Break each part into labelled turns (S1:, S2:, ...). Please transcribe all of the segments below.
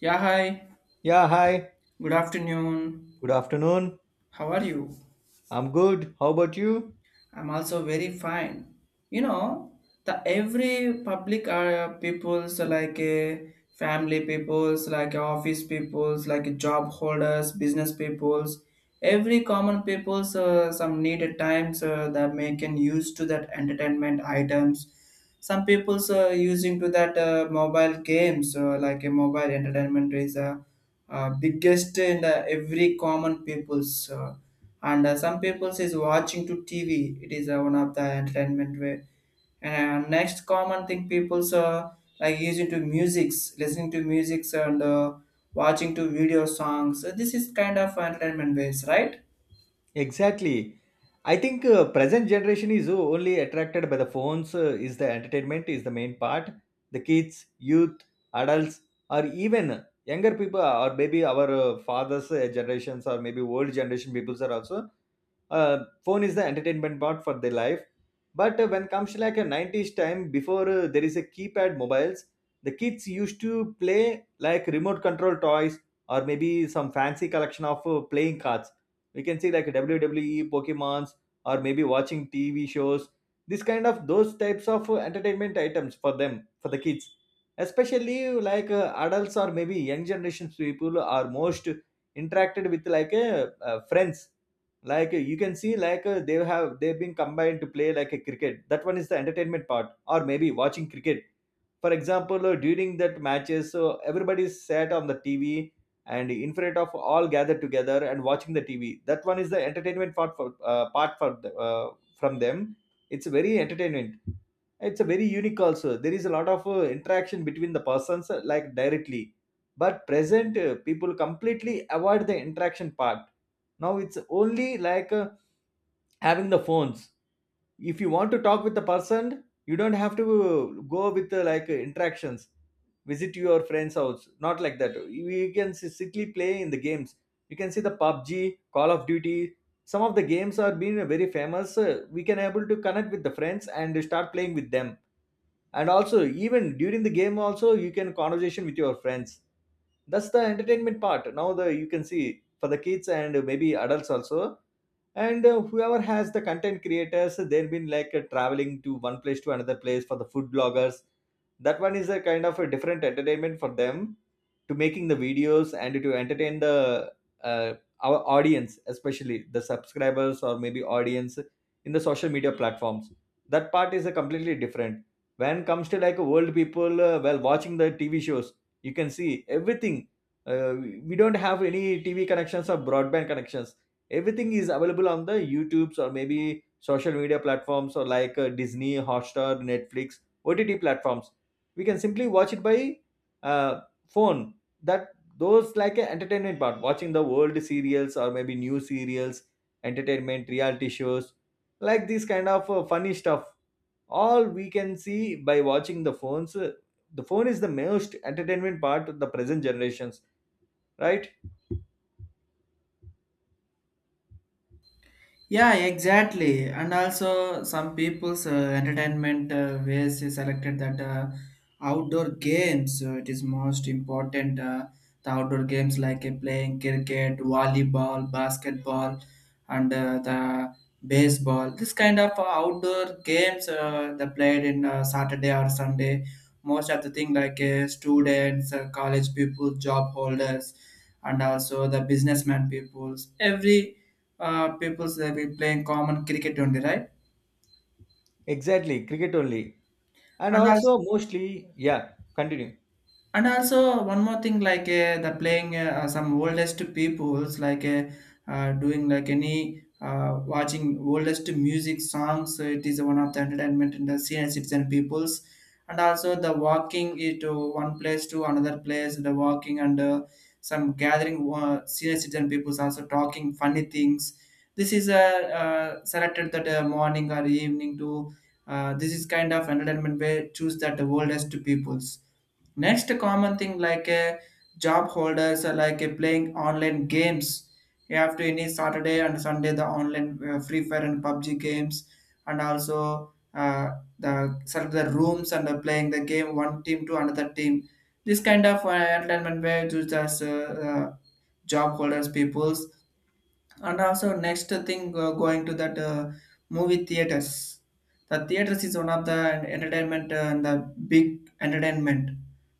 S1: Yeah, hi.
S2: Yeah, hi.
S1: Good afternoon.
S2: Good afternoon.
S1: How are you?
S2: I'm good. How about you?
S1: I'm also very fine. You know, the every public peoples like family peoples, like office peoples, like job holders, business peoples, every common peoples some needed times that may can use to that entertainment items. Some peoples using to that mobile games like a mobile entertainment is a biggest in every common people's and some people is watching to tv, it is one of the entertainment way, and next common thing people's like using to musics, listening to musics and watching to video songs. So this is kind of entertainment ways, right?
S2: Exactly. I think present generation is only attracted by the phones, is the entertainment is the main part. The kids, youth, adults, or even younger people, or maybe our fathers generations, or maybe old generation peoples are also, phone is the entertainment part for their life. But when comes to like a 90s time before, there is a keypad mobiles. The kids used to play like remote control toys, or maybe some fancy collection of playing cards. We can see like wwe pokemons, or maybe watching tv shows. This kind of, those types of entertainment items for them, for the kids, especially like adults or maybe young generations people are most interacted with, like friends. Like you can see, like they've been combined to play like a cricket. That one is the entertainment part, or maybe watching cricket. For example, during that matches, so everybody sat on the tv, and in front of all gathered together and watching the tv. That one is the entertainment part for, part for the, from them. It's very entertainment. It's a very unique. Also, there is a lot of interaction between the persons, like directly. But present, people completely avoid the interaction part. Now it's only like, having the phones. If you want to talk with the person, you don't have to go with like interactions, visit your friend's house. Not like that, you can simply play in the games. You can see the pubg, call of duty. Some of the games are being very famous. We can able to connect with the friends and start playing with them. And also, even during the game also, you can conversation with your friends. That's the entertainment part now. The You can see for the kids and maybe adults also. And whoever has the content creators, they've been like traveling to one place to another place for the food bloggers. That one is a kind of a different entertainment for them, to making the videos and to entertain the, uh, our audience, especially the subscribers or maybe audience in the social media platforms. That part is a completely different. When comes to like world people, while watching the tv shows, you can see everything. uh, we don't have any tv connections or broadband connections. Everything is available on the youtubes, or maybe social media platforms, or like disney, hotstar, netflix, ott platforms. We can simply watch it by, uh, phone. That, those like a entertainment part, watching the world serials or maybe new serials, entertainment reality shows, like this kind of funny stuff. All we can see by watching the phones. The phone is the most entertainment part of the present generations, right?
S1: Yeah, exactly. And also, some people's entertainment ways is selected that outdoor games. So it is most important. The outdoor games like playing cricket, volleyball, basketball, and the baseball. This kind of outdoor games they played in Saturday or Sunday. Most of the thing like students, college people, job holders, and also the businessman peoples. Every people they be playing common cricket only, right?
S2: Exactly, cricket only. And
S1: And
S2: also
S1: also
S2: mostly, yeah, continue.
S1: And also one more thing, like the playing some oldest peoples, like doing like any watching oldest music songs. It is one of the entertainment in the senior citizen peoples, and also the walking it to one place to another place, the walking and some gathering senior citizen peoples also talking funny things. This is selected that morning or evening to. This is kind of entertainment where choose that the oldest peoples. Next common thing like a job holders are like a playing online games. You have to any Saturday and Sunday the online Free Fire and PUBG games, and also the select the rooms and playing the game one team to another team. This kind of entertainment way to just job holders peoples, and also next thing going to that movie theaters. The theaters is one of the entertainment and the big entertainment,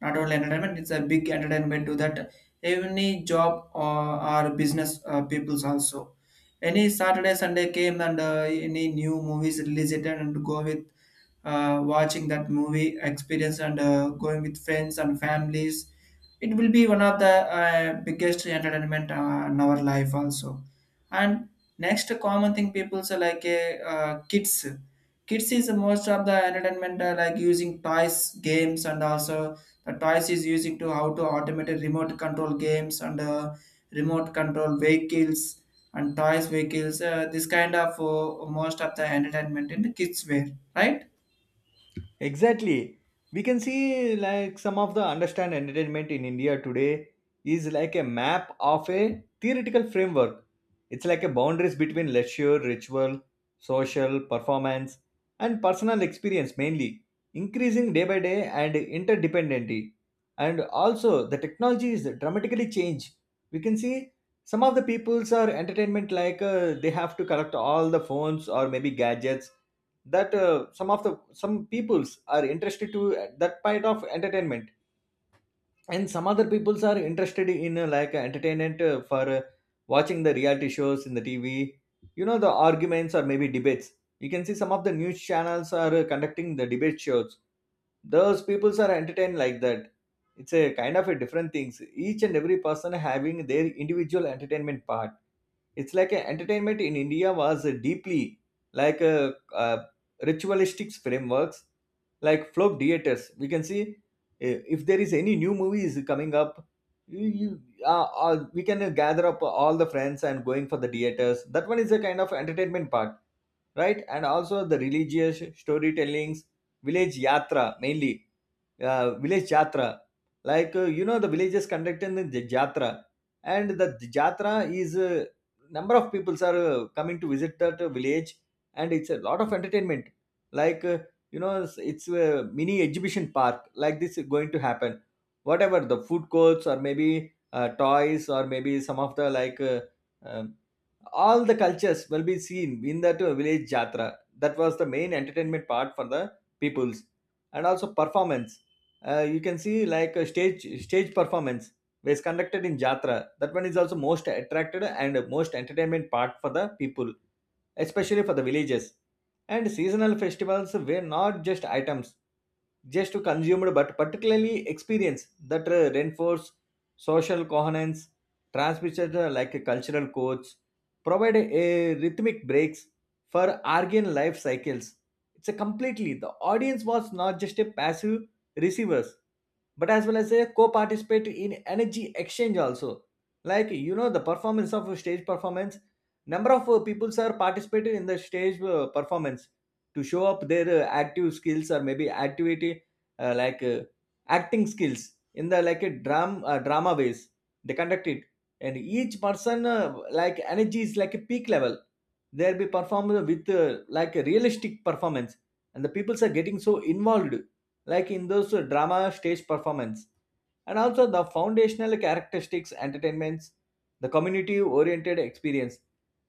S1: not only entertainment, it's a big entertainment to that any job, or business peoples also. Any Saturday Sunday came and any new movies released it and go with watching that movie experience and going with friends and families, it will be one of the biggest entertainment in our life also. And next common thing people say like a kids. Kids is most of the entertainment like using toys games, and also the toys is using to how to automate a remote control games and remote control vehicles and toys vehicles. This kind of most of the entertainment in the kids wear, right?
S2: Exactly. We can see like some of the understand entertainment in India today is like a map of a theoretical framework. It's like a boundaries between leisure, ritual, social, performance, and personal experience mainly, increasing day by day and interdependency. And also the technology is dramatically changed. We can see some of the peoples are entertainment, like they have to collect all the phones or maybe gadgets, that some of the some peoples are interested to, that part of entertainment. And some other peoples are interested in, like entertainment, for, watching the reality shows in the tv. You know, the arguments or maybe debates, you can see some of the news channels are conducting the debate shows. Those peoples are entertained like that. It's a kind of a different things. Each and every person having their individual entertainment part. It's like a entertainment in India was deeply, like a, uh ritualistic frameworks. Like folk theaters, we can see, if there is any new movie is coming up, you we can gather up all the friends and going for the theaters. That one is a kind of entertainment part, right? And also the religious storytellings, village yatra mainly. Village jatra, like you know the villages conducting the jatra. And the jatra is, number of peoples are coming to visit that village. And it's a lot of entertainment. Like you know, it's a mini exhibition park, like this is going to happen. Whatever the food courts or maybe toys or maybe some of the, like um, all the cultures will be seen in that village jatra. That was the main entertainment part for the peoples. And also performance. You can see like a stage performance was conducted in jatra. That one is also most attracted and most entertainment part for the people, especially for the villages. And seasonal festivals were not just items just to consumer, but particularly experience that reinforce social coherence, transmitter, like a cultural codes, provide a rhythmic breaks for argan life cycles. It's a completely the audience was not just a passive receivers, but as well as a co-participate in energy exchange also. Like you know, the performance of stage performance, number of people are participated in the stage performance, to show up their active skills or maybe activity, like acting skills in the, like a drama ways they conduct it. And each person, like energy is like a peak level, they'll be performed with like a realistic performance. And the people are getting so involved, like in those drama stage performance. And also the foundational characteristics entertainments, the community oriented experience.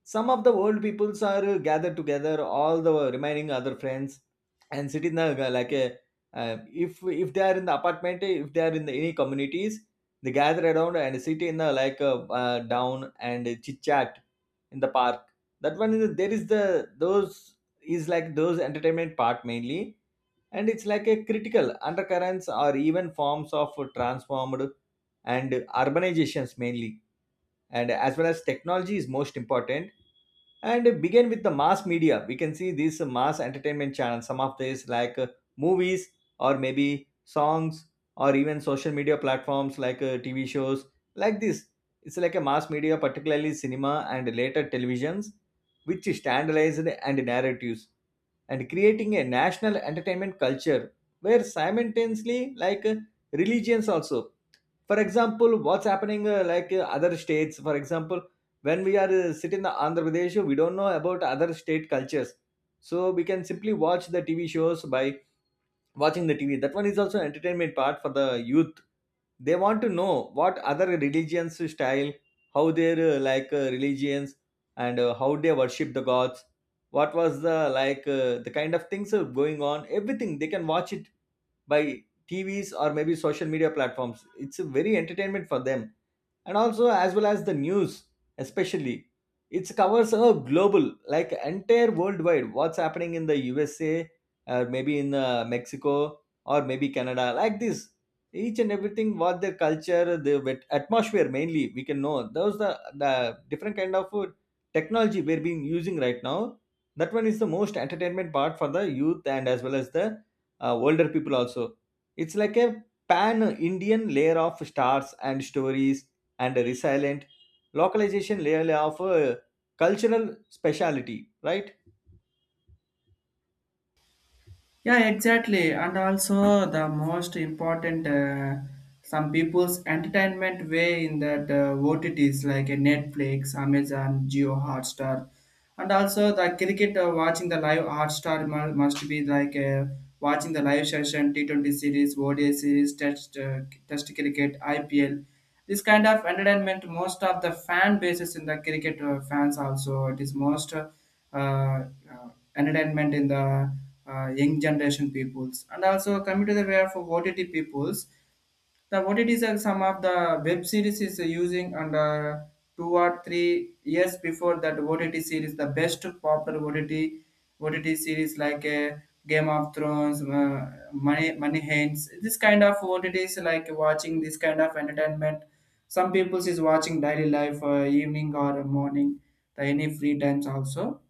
S2: Some of the old peoples are gathered together all the remaining other friends, and sit in the, like a, if they are in the apartment, if they are in the, any communities, they gather around and sit in the, like down and chit chat in the park. That one is, there is the those, is like those entertainment part mainly. And it's like a critical undercurrents or even forms of transformed and urbanizations mainly. And as well as technology is most important. And begin with the mass media, we can see these mass entertainment channels, some of these like movies, or maybe songs, or even social media platforms, like tv shows like this. It's like a mass media, particularly cinema and later televisions, which standardized and narratives and creating a national entertainment culture, where simultaneously, like religions also. For example, what's happening, like other states. For example, when we are sitting in the Andhra Pradesh, we don't know about other state cultures. So we can simply watch the tv shows by watching the TV. That one is also entertainment part for the youth. They want to know what other religions style, how their like religions and how they worship the gods. What was the like the kind of things are going on? Everything they can watch it by TVs or maybe social media platforms. It's a very entertainment for them. And also, as well as the news, especially it covers a global, like entire worldwide what's happening in the usa, or maybe in mexico, or maybe canada, like this. Each and everything, what their culture, the atmosphere mainly, we can know those, the different kind of technology we're being using right now. That one is the most entertainment part for the youth, and as well as the older people also. It's like a pan Indian layer of stars and stories, and resilient localization layer of cultural speciality, right?
S1: Yeah, exactly. And also the most important, some people's entertainment way in that OTTs like Netflix, Amazon, Geo, Hotstar, and also the cricket watching the live Hotstar must be like watching the live session T 20 series, ODI series, Test Test cricket, IPL. This kind of entertainment, most of the fan bases in the cricket fans also, it is most uh, entertainment in the young generation peoples. And also coming to the way of OTT peoples, the what it is some of the web series is using and 2 or 3 years before that OTT series, the best popular OTT series like Game of Thrones, Money Money Hands. This kind of OTTs like watching this kind of entertainment. Some people is watching daily life evening or morning, the any free times also,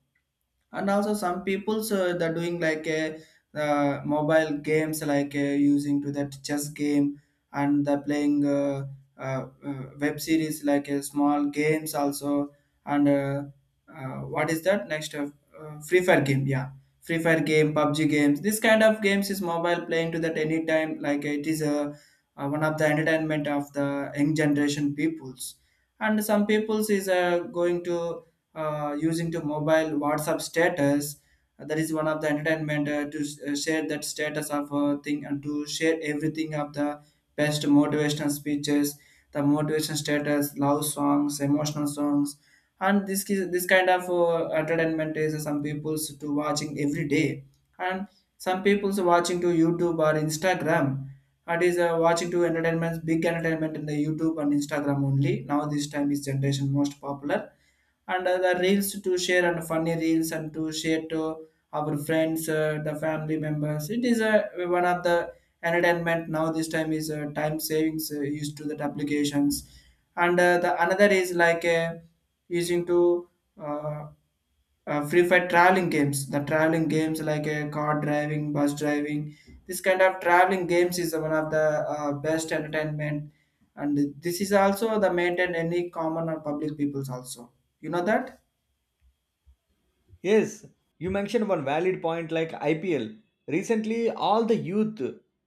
S1: and also some people's they're doing like a mobile games like using to that chess game, and they're playing web series like a small games also, and what is that next free fire game, yeah, free fire game, PUBG games, this kind of games is mobile playing to that anytime, like it is a one of the entertainment of the young generation peoples. And some peoples is going to using to mobile WhatsApp status. That is one of the entertainment to share that status of a thing and to share everything of the best motivational speeches, the motivation status, love songs, emotional songs, and this kind of entertainment is some people's to watching every day, and some people's watching to YouTube or Instagram. It is watching to entertainments, big entertainment in the YouTube and Instagram only. Now this time is generation most popular, and the reels to share, and funny reels and to share to our friends the family members, it is one of the entertainment now. This time is time savings used to that applications, and the another is like using to uh, free fire traveling games, the traveling games like car driving, bus driving, this kind of traveling games is one of the best entertainment, and this is also the maintain any common or public peoples also, you know that.
S2: Yes, you mentioned one valid point like IPL. Recently, all the youth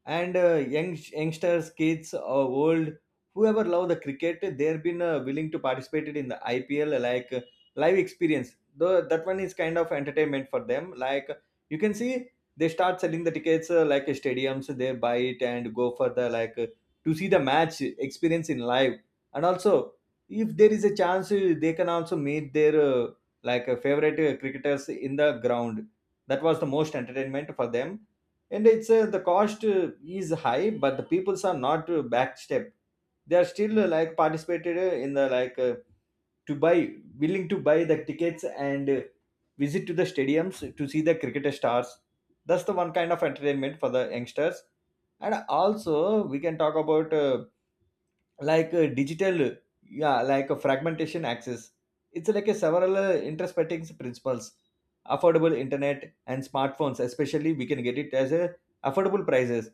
S2: and young youngsters, kids, old, whoever love the cricket, they've been willing to participate in the IPL, like live experience. Though that one is kind of entertainment for them. Like you can see, they start selling the tickets, like stadiums. They buy it and go for the, like to see the match experience in live. And also, if there is a chance, they can also meet their, like favorite cricketers in the ground. That was the most entertainment for them. And it's, the cost, is high, but the peoples are not backstep. They are still like participated, in the, like to buy willing to buy the tickets and visit to the stadiums to see the cricketer stars. That's the one kind of entertainment for the youngsters. And also we can talk about like a digital, yeah, like a fragmentation access. It's like a several interspecting principles, affordable internet and smartphones. Especially we can get it as a affordable prices.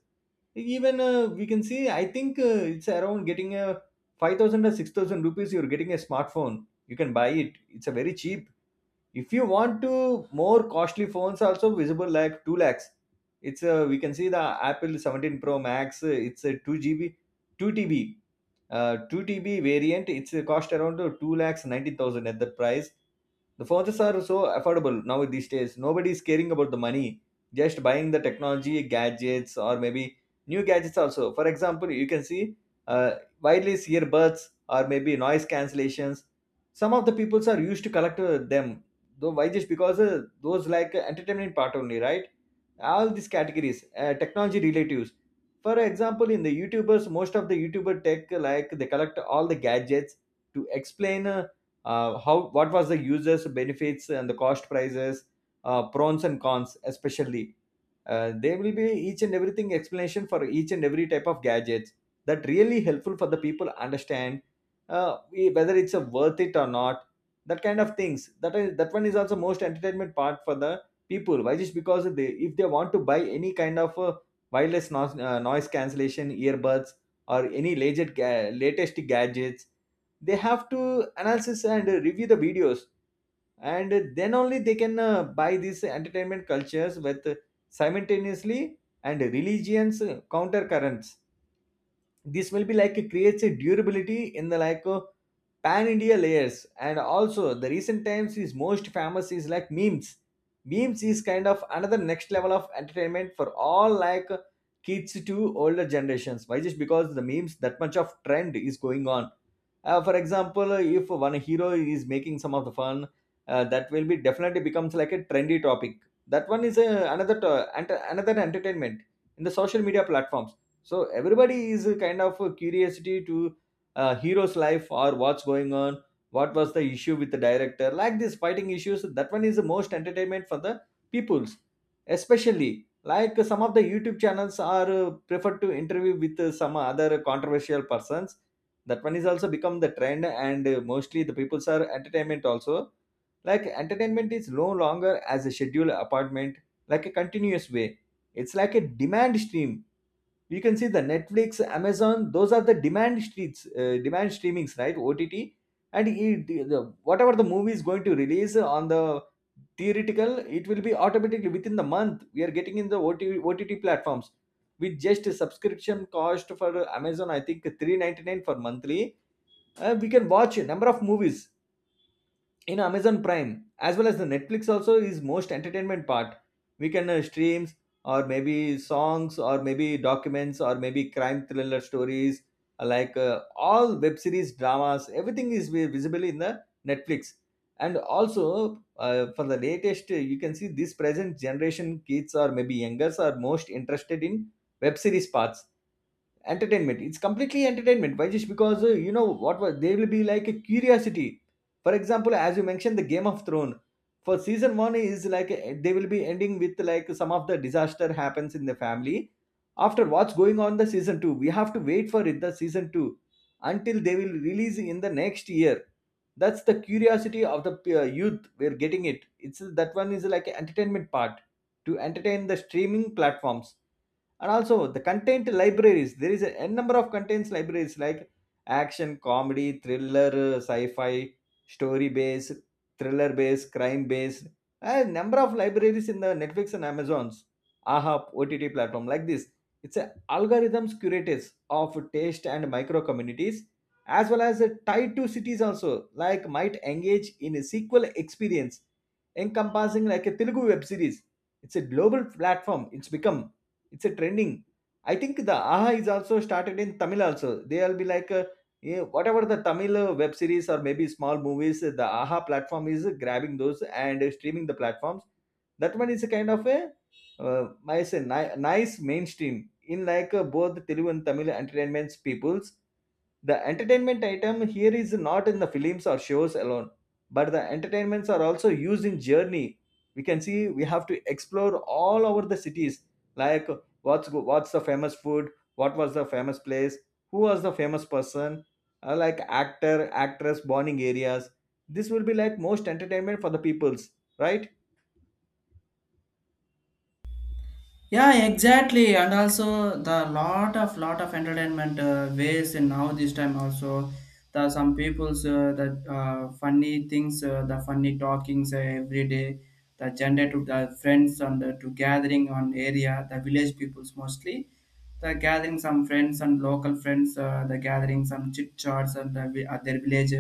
S2: Even we can see, I think it's around getting a 5,000 or 6,000 rupees, you're getting a smartphone, you can buy it, it's a very cheap. If you want to more costly phones also visible, like 2 lakhs. It's a, we can see the apple 17 pro max, it's a 2 GB, 2 TB, 2 TB variant, it's a cost around 2 lakhs 90,000 at that price. The phones are so affordable now these days. Nobody is caring about the money, just buying the technology, gadgets, or maybe new gadgets also. For example, you can see, uh, wireless earbuds or maybe noise cancellations. Some of the peoples are used to collect them. Though why? Just because those like entertainment part only, right? All these categories, technology relatives. For example, in the YouTubers, most of the YouTuber tech, like they collect all the gadgets to explain. How, what was the users benefits and the cost prices, pros and cons especially. There will be each and everything explanation for each and every type of gadgets that really helpful for the people understand whether it's a worth it or not. That kind of things, that is, that one is also most entertainment part for the people. Why? Just because they, if they want to buy any kind of wireless noise, noise cancellation earbuds or any latest, latest gadgets, they have to analysis and review the videos, and then only they can buy these entertainment cultures with simultaneously, and religions, counter currents. This will be like, it creates a durability in the like pan india layers. And also the recent times is most famous is like memes. Memes is kind of another next level of entertainment for all, like kids to older generations. Why? Just because the memes, that much of trend is going on. For example, if one hero is making some of the fun, that will be definitely becomes like a trendy topic. That one is another another entertainment in the social media platforms. So everybody is kind of a curiosity to a hero's life or what's going on, what was the issue with the director, like this fighting issues. That one is the most entertainment for the peoples, especially like some of the youtube channels are preferred to interview with some other controversial persons. That one is also become the trend, and mostly the peoples are entertainment also. Like entertainment is no longer as a scheduled appointment, like a continuous way. It's like a demand stream. You can see the netflix, amazon, those are the demand streets, demand streamings, right? OTT. And it, the, whatever the movie is going to release on the theoretical, it will be automatically within the month we are getting in the OT, ott platforms with just a subscription cost for amazon, I think 399 for monthly. We can watch a number of movies in amazon prime, as well as the netflix also is most entertainment part. We can streams or maybe songs or maybe documents or maybe crime thriller stories, all web series dramas. Everything is visible in the netflix. And also for the latest, you can see this present generation kids or maybe youngers are most interested in web series parts. Entertainment, it's completely entertainment. Why? Just because you know what was, they will be like a curiosity. For example, as you mentioned the game of Thrones, for season one is like they will be ending with like some of the disaster happens in the family. After, what's going on the season two, we have to wait for it, the season two, until they will release in the next year. That's the curiosity of the youth, we're getting it. It's, that one is like an entertainment part to entertain the streaming platforms. And also the content libraries, there is a n number of contents libraries like action, comedy, thriller, sci-fi, story based, thriller based, crime based. A number of libraries in the netflix and amazons, AHA OTT platform. Like this, it's a algorithms curators of taste and micro communities, as well as a tied to cities also. Like, might engage in a sequel experience encompassing like a telugu web series. It's a global platform, it's become, it's a trending. I think the AHA is also started in Tamil also. They'll be like, eh, whatever the Tamil web series or maybe small movies, the AHA platform is grabbing those and streaming the platforms. That one is a kind of a, I say, nice mainstream in like both Telugu and Tamil entertainment peoples. The entertainment item here is not in the films or shows alone, but the entertainments are also used in journey. We can see, we have to explore all over the cities, like what's the famous food, what was the famous place, who was the famous person, like actor, actress bonding areas. This will be like most entertainment for the peoples, right?
S1: Yeah, exactly. And also the lot of entertainment ways in now this time also, the some people's the funny things the funny talkings every day, the gender to the friends and the, to gathering on area, the village peoples mostly, the gathering some friends and local friends the gathering some chit chats and at their village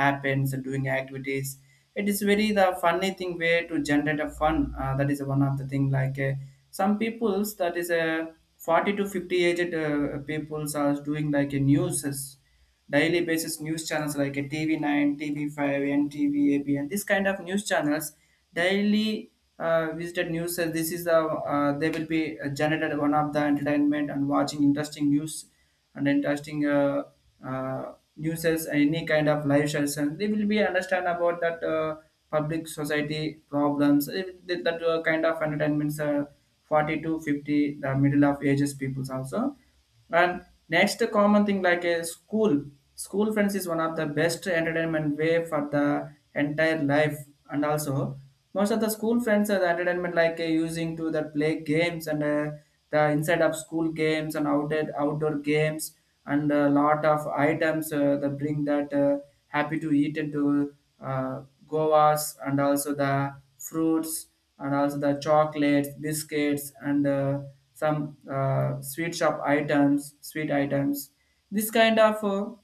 S1: happens doing activities. It is very the funny thing way to generate a fun, that is one of the thing like some peoples that is a 40 to 50 aged peoples are doing like a news. Daily basis news channels like a TV9, TV5, NTV, ABN, this kind of news channels daily visited news. Says this is the they will be generated one of the entertainment and watching interesting uh, news and any kind of live session. They will be understand about that. Public society problems, that kind of entertainments are 40 to 50, the middle of ages peoples also. And next common thing like a school. School friends is one of the best entertainment way for the entire life. And also most of the school friends are the entertainment like using to the play games, and the inside of school games and outdoor games, and a lot of items that bring that happy to eat into uh, goas, and also the fruits, and also the chocolates, biscuits, and some sweet shop items, sweet items. This kind of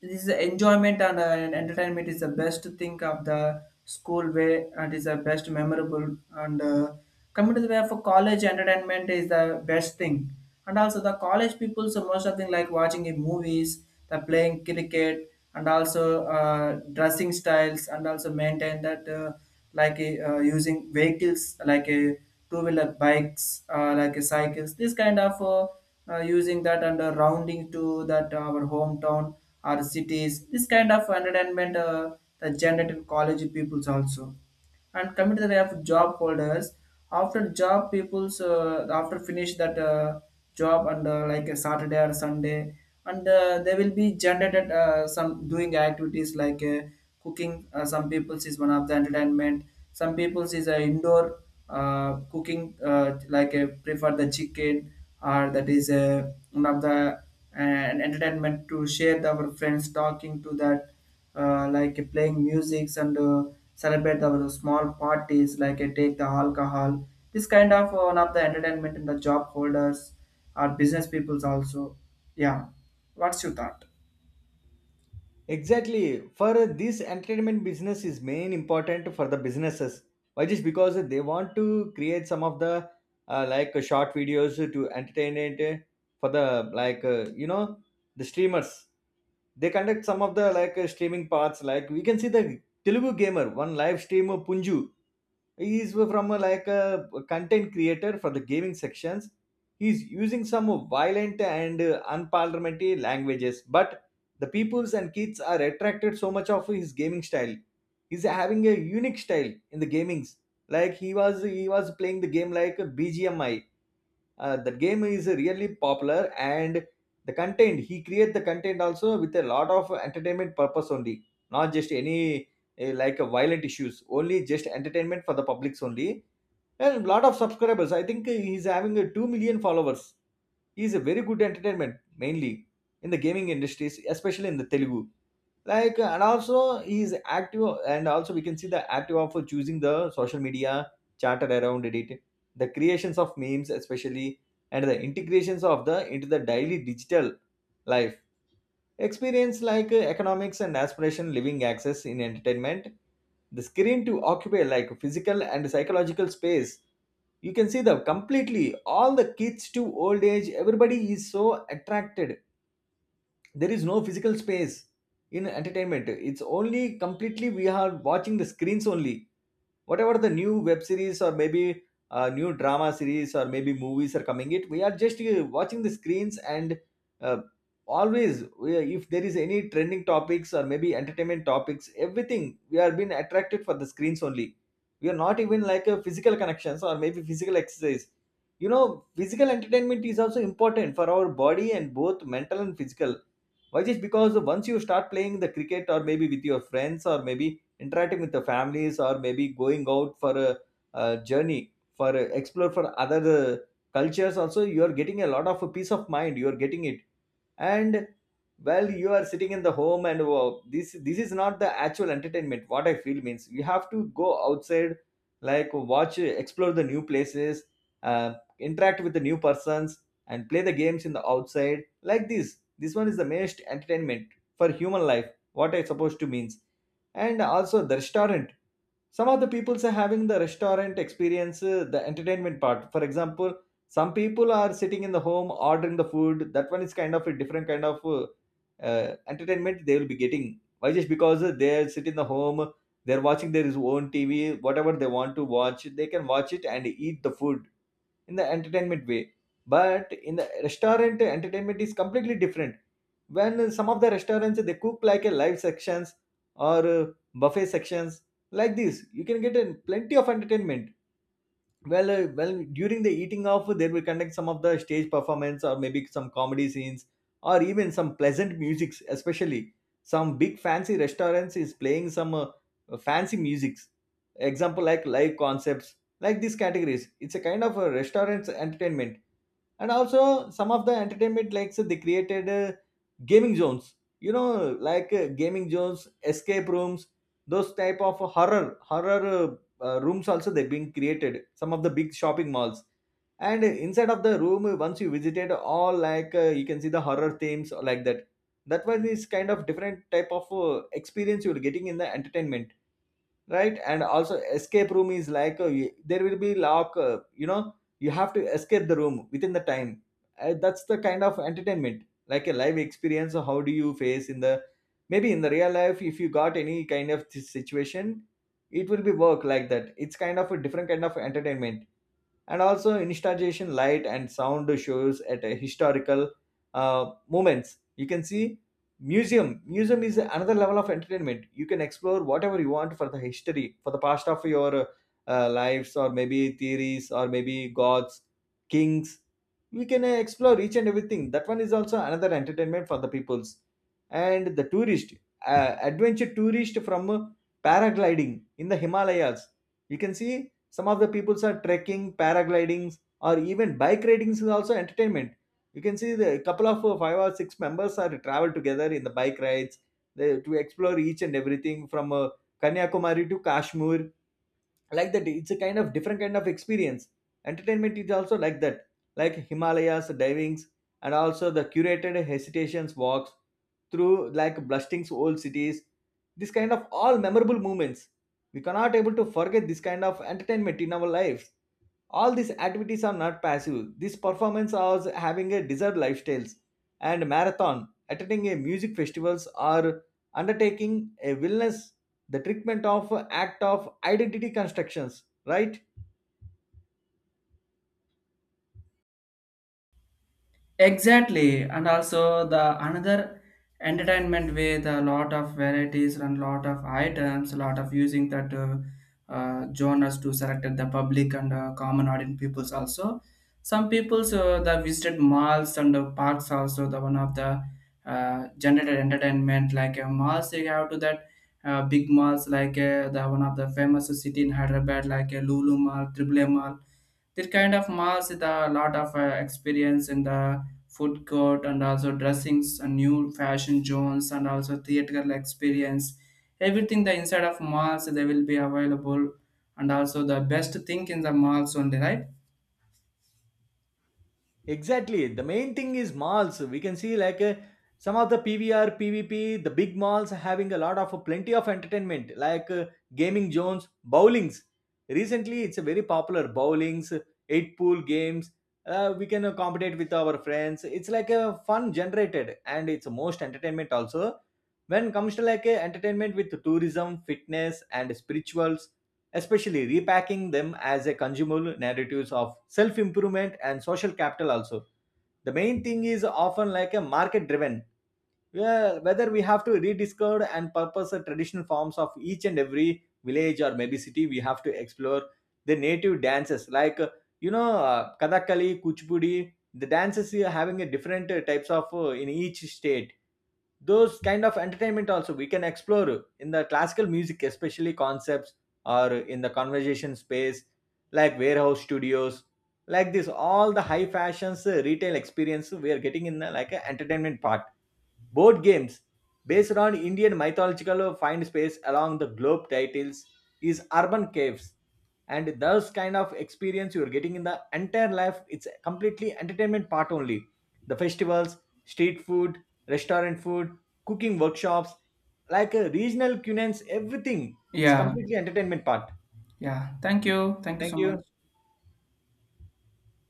S1: this is enjoyment and entertainment is the best thing of the school way, and is the best memorable, and coming to the way for college, entertainment is the best thing. And also the college people, so most of them like watching in movies, the playing cricket, and also dressing styles, and also maintain that like using vehicles like a two-wheeler bikes like a cycles, this kind of using that, and rounding to that our hometown, our cities, this kind of entertainment the generated college peoples also. And coming to the way of job holders, after job people's after finish that job and like a Saturday or Sunday, and they will be generated some doing activities like cooking some people's is one of the entertainment. Some people's is a indoor cooking like prefer the chicken, or that is one of the entertainment to share the, our friends talking to that like playing musics and celebrate the small parties, like take the alcohol. This kind of one of the entertainment in the job holders or business peoples also. Yeah, what's your thought?
S2: Exactly. For this entertainment, business is main important for the businesses. Why? Just because they want to create some of the short videos to entertain it, for the like, you know, the streamers. They conduct some of the like streaming parts. Like we can see the Telugu gamer one live stream of Punju, he's from a, like a content creator for the gaming sections. He's using some violent and unparliamentary languages, but the peoples and kids are attracted so much of his gaming style. He's having a unique style in the gamings. Like he was playing the game like a bgmi. That game is really popular, and the content also with a lot of entertainment purpose only, not just any violent issues, only just entertainment for the publics only. And lot of subscribers, I think eh, he's having a 2 million followers. He's a very good entertainment mainly in the gaming industries, especially in the telugu. Like, and also he is active, and also we can see the active of choosing the social media chatter around it, the creations of memes especially, and the integrations of the into the daily digital life experience, like economics and aspiration living access in entertainment. The screen to occupy like physical and psychological space. You can see the completely all the kids to old age, everybody is so attracted. There is no physical space in entertainment, it's only completely we are watching the screens only. Whatever the new web series or maybe new drama series or maybe movies are coming, it, we are just watching the screens. And uh, always we, if there is any trending topics or maybe entertainment topics, everything we are being attracted for the screens only. We are not even like a physical connections or maybe physical exercise. You know, physical entertainment is also important for our body and both mental and physical. Why? Just because once you start playing the cricket or maybe with your friends, or maybe interacting with the families, or maybe going out for a journey for a, explore for other cultures also, you are getting a lot of a peace of mind, you are getting it. And well, you are sitting in the home and wow, this is not the actual entertainment, what I feel means you have to go outside, like watch, explore the new places, interact with the new persons, and play the games in the outside. Like this one is the most entertainment for human life, what I supposed to means. And also the restaurant, some of the people are having the restaurant experience, the entertainment part. For example, some people are sitting in the home ordering the food, that one is kind of a different kind of entertainment they will be getting. Why? Just because they sit in the home, they're watching their own tv, whatever they want to watch they can watch it and eat the food in the entertainment way. But in the restaurant, entertainment is completely different. When some of the restaurants they cook like a live sections, or buffet sections, like this you can get a plenty of entertainment. Well well during the eating off, they will conduct some of the stage performance, or maybe some comedy scenes, or even some pleasant musics. Especially some big fancy restaurants is playing some fancy musics, example like live concepts, like these categories, it's a kind of a restaurant's entertainment. And also some of the entertainment, like so they created gaming zones. You know, like gaming zones, escape rooms, those type of horror, rooms also they've Been created some of the big shopping malls. And inside of the room once you visited all, like, you can see the horror themes or like that. That was this kind of different type of experience you're getting in the entertainment. Right. And also escape room is like, there will be lock, you know, you have to escape the room within the time. That's the kind of entertainment, like a live experience, how do you face in the, maybe in the real life if you got any kind of situation, it will be work like that. It's kind of a different kind of entertainment. And also installation light and sound shows at a historical moments you can see. Museum is another level of entertainment. You can explore whatever you want, for the history, for the past of your lives, or maybe theories, or maybe gods, kings. We can explore each and everything. That one is also another entertainment for the peoples and the tourist. Adventure tourist from, paragliding in the Himalayas, you can see. Some of the people are trekking, paragliding, or even bike riding is also entertainment. You can see the couple of five or six members are travel together in the bike rides. They, to explore each and everything from, Kanyakumari to Kashmir, like that. It's a kind of different kind of experience. Entertainment is also like that. Like Himalayas divings, and also the curated hesitations walks through like blasting's old cities. This kind of all memorable moments, we cannot able to forget this kind of entertainment in our lives. All these activities are not passive. This performance is having a desired lifestyles, and marathon, attending a music festivals, or undertaking a wellness, the treatment of act of identity constructions. Right.
S1: Exactly, and also the another entertainment with a lot of varieties and lot of items, a lot of using that genres to select the public and common audience peoples also. Some peoples that visited malls and parks also, the one of the generated entertainment like malls, they have to that big malls like the one of the famous city in Hyderabad like Lulu Mall, Triple M Mall, this kind of malls with a lot of experience in the food court, and also dressings and new fashion zones, and also theatrical experience. Everything the inside of malls they will be available, and also the best thing in the malls only, right?
S2: Exactly. The main thing is malls. We can see, like, some of the PVR, PVP, the big malls are having a lot of plenty of entertainment, like, gaming zones, bowlings. Recently, it's a very popular bowlings, eight pool games. We can compete with our friends. It's like a fun generated, and it's most entertainment also. When comes to like a entertainment with tourism, fitness, and spirituals, especially repacking them as a consumable narratives of self-improvement and social capital, also the main thing is often like a market driven, where whether we have to rediscover and purpose the traditional forms of each and every village or maybe city. We have to explore the native dances, like, you know, Kathakali, Kuchipudi. The dances are having a different types of in each state. Those kind of entertainment also we can explore in the classical music, especially concepts, or in the conversation space, like warehouse studios. Like this, all the high fashions, retail experience we are getting in the, like a entertainment part. Board games based on Indian mythological find space along the globe titles, is urban caves. And those kind of experience you're getting in the entire life, it's completely entertainment part only. The festivals, street food, restaurant food, cooking workshops, like a regional cuisines, everything. It's
S1: Yeah,
S2: completely entertainment part.
S1: yeah. Thank you. Thank you
S2: Thank
S1: so
S2: you.
S1: much.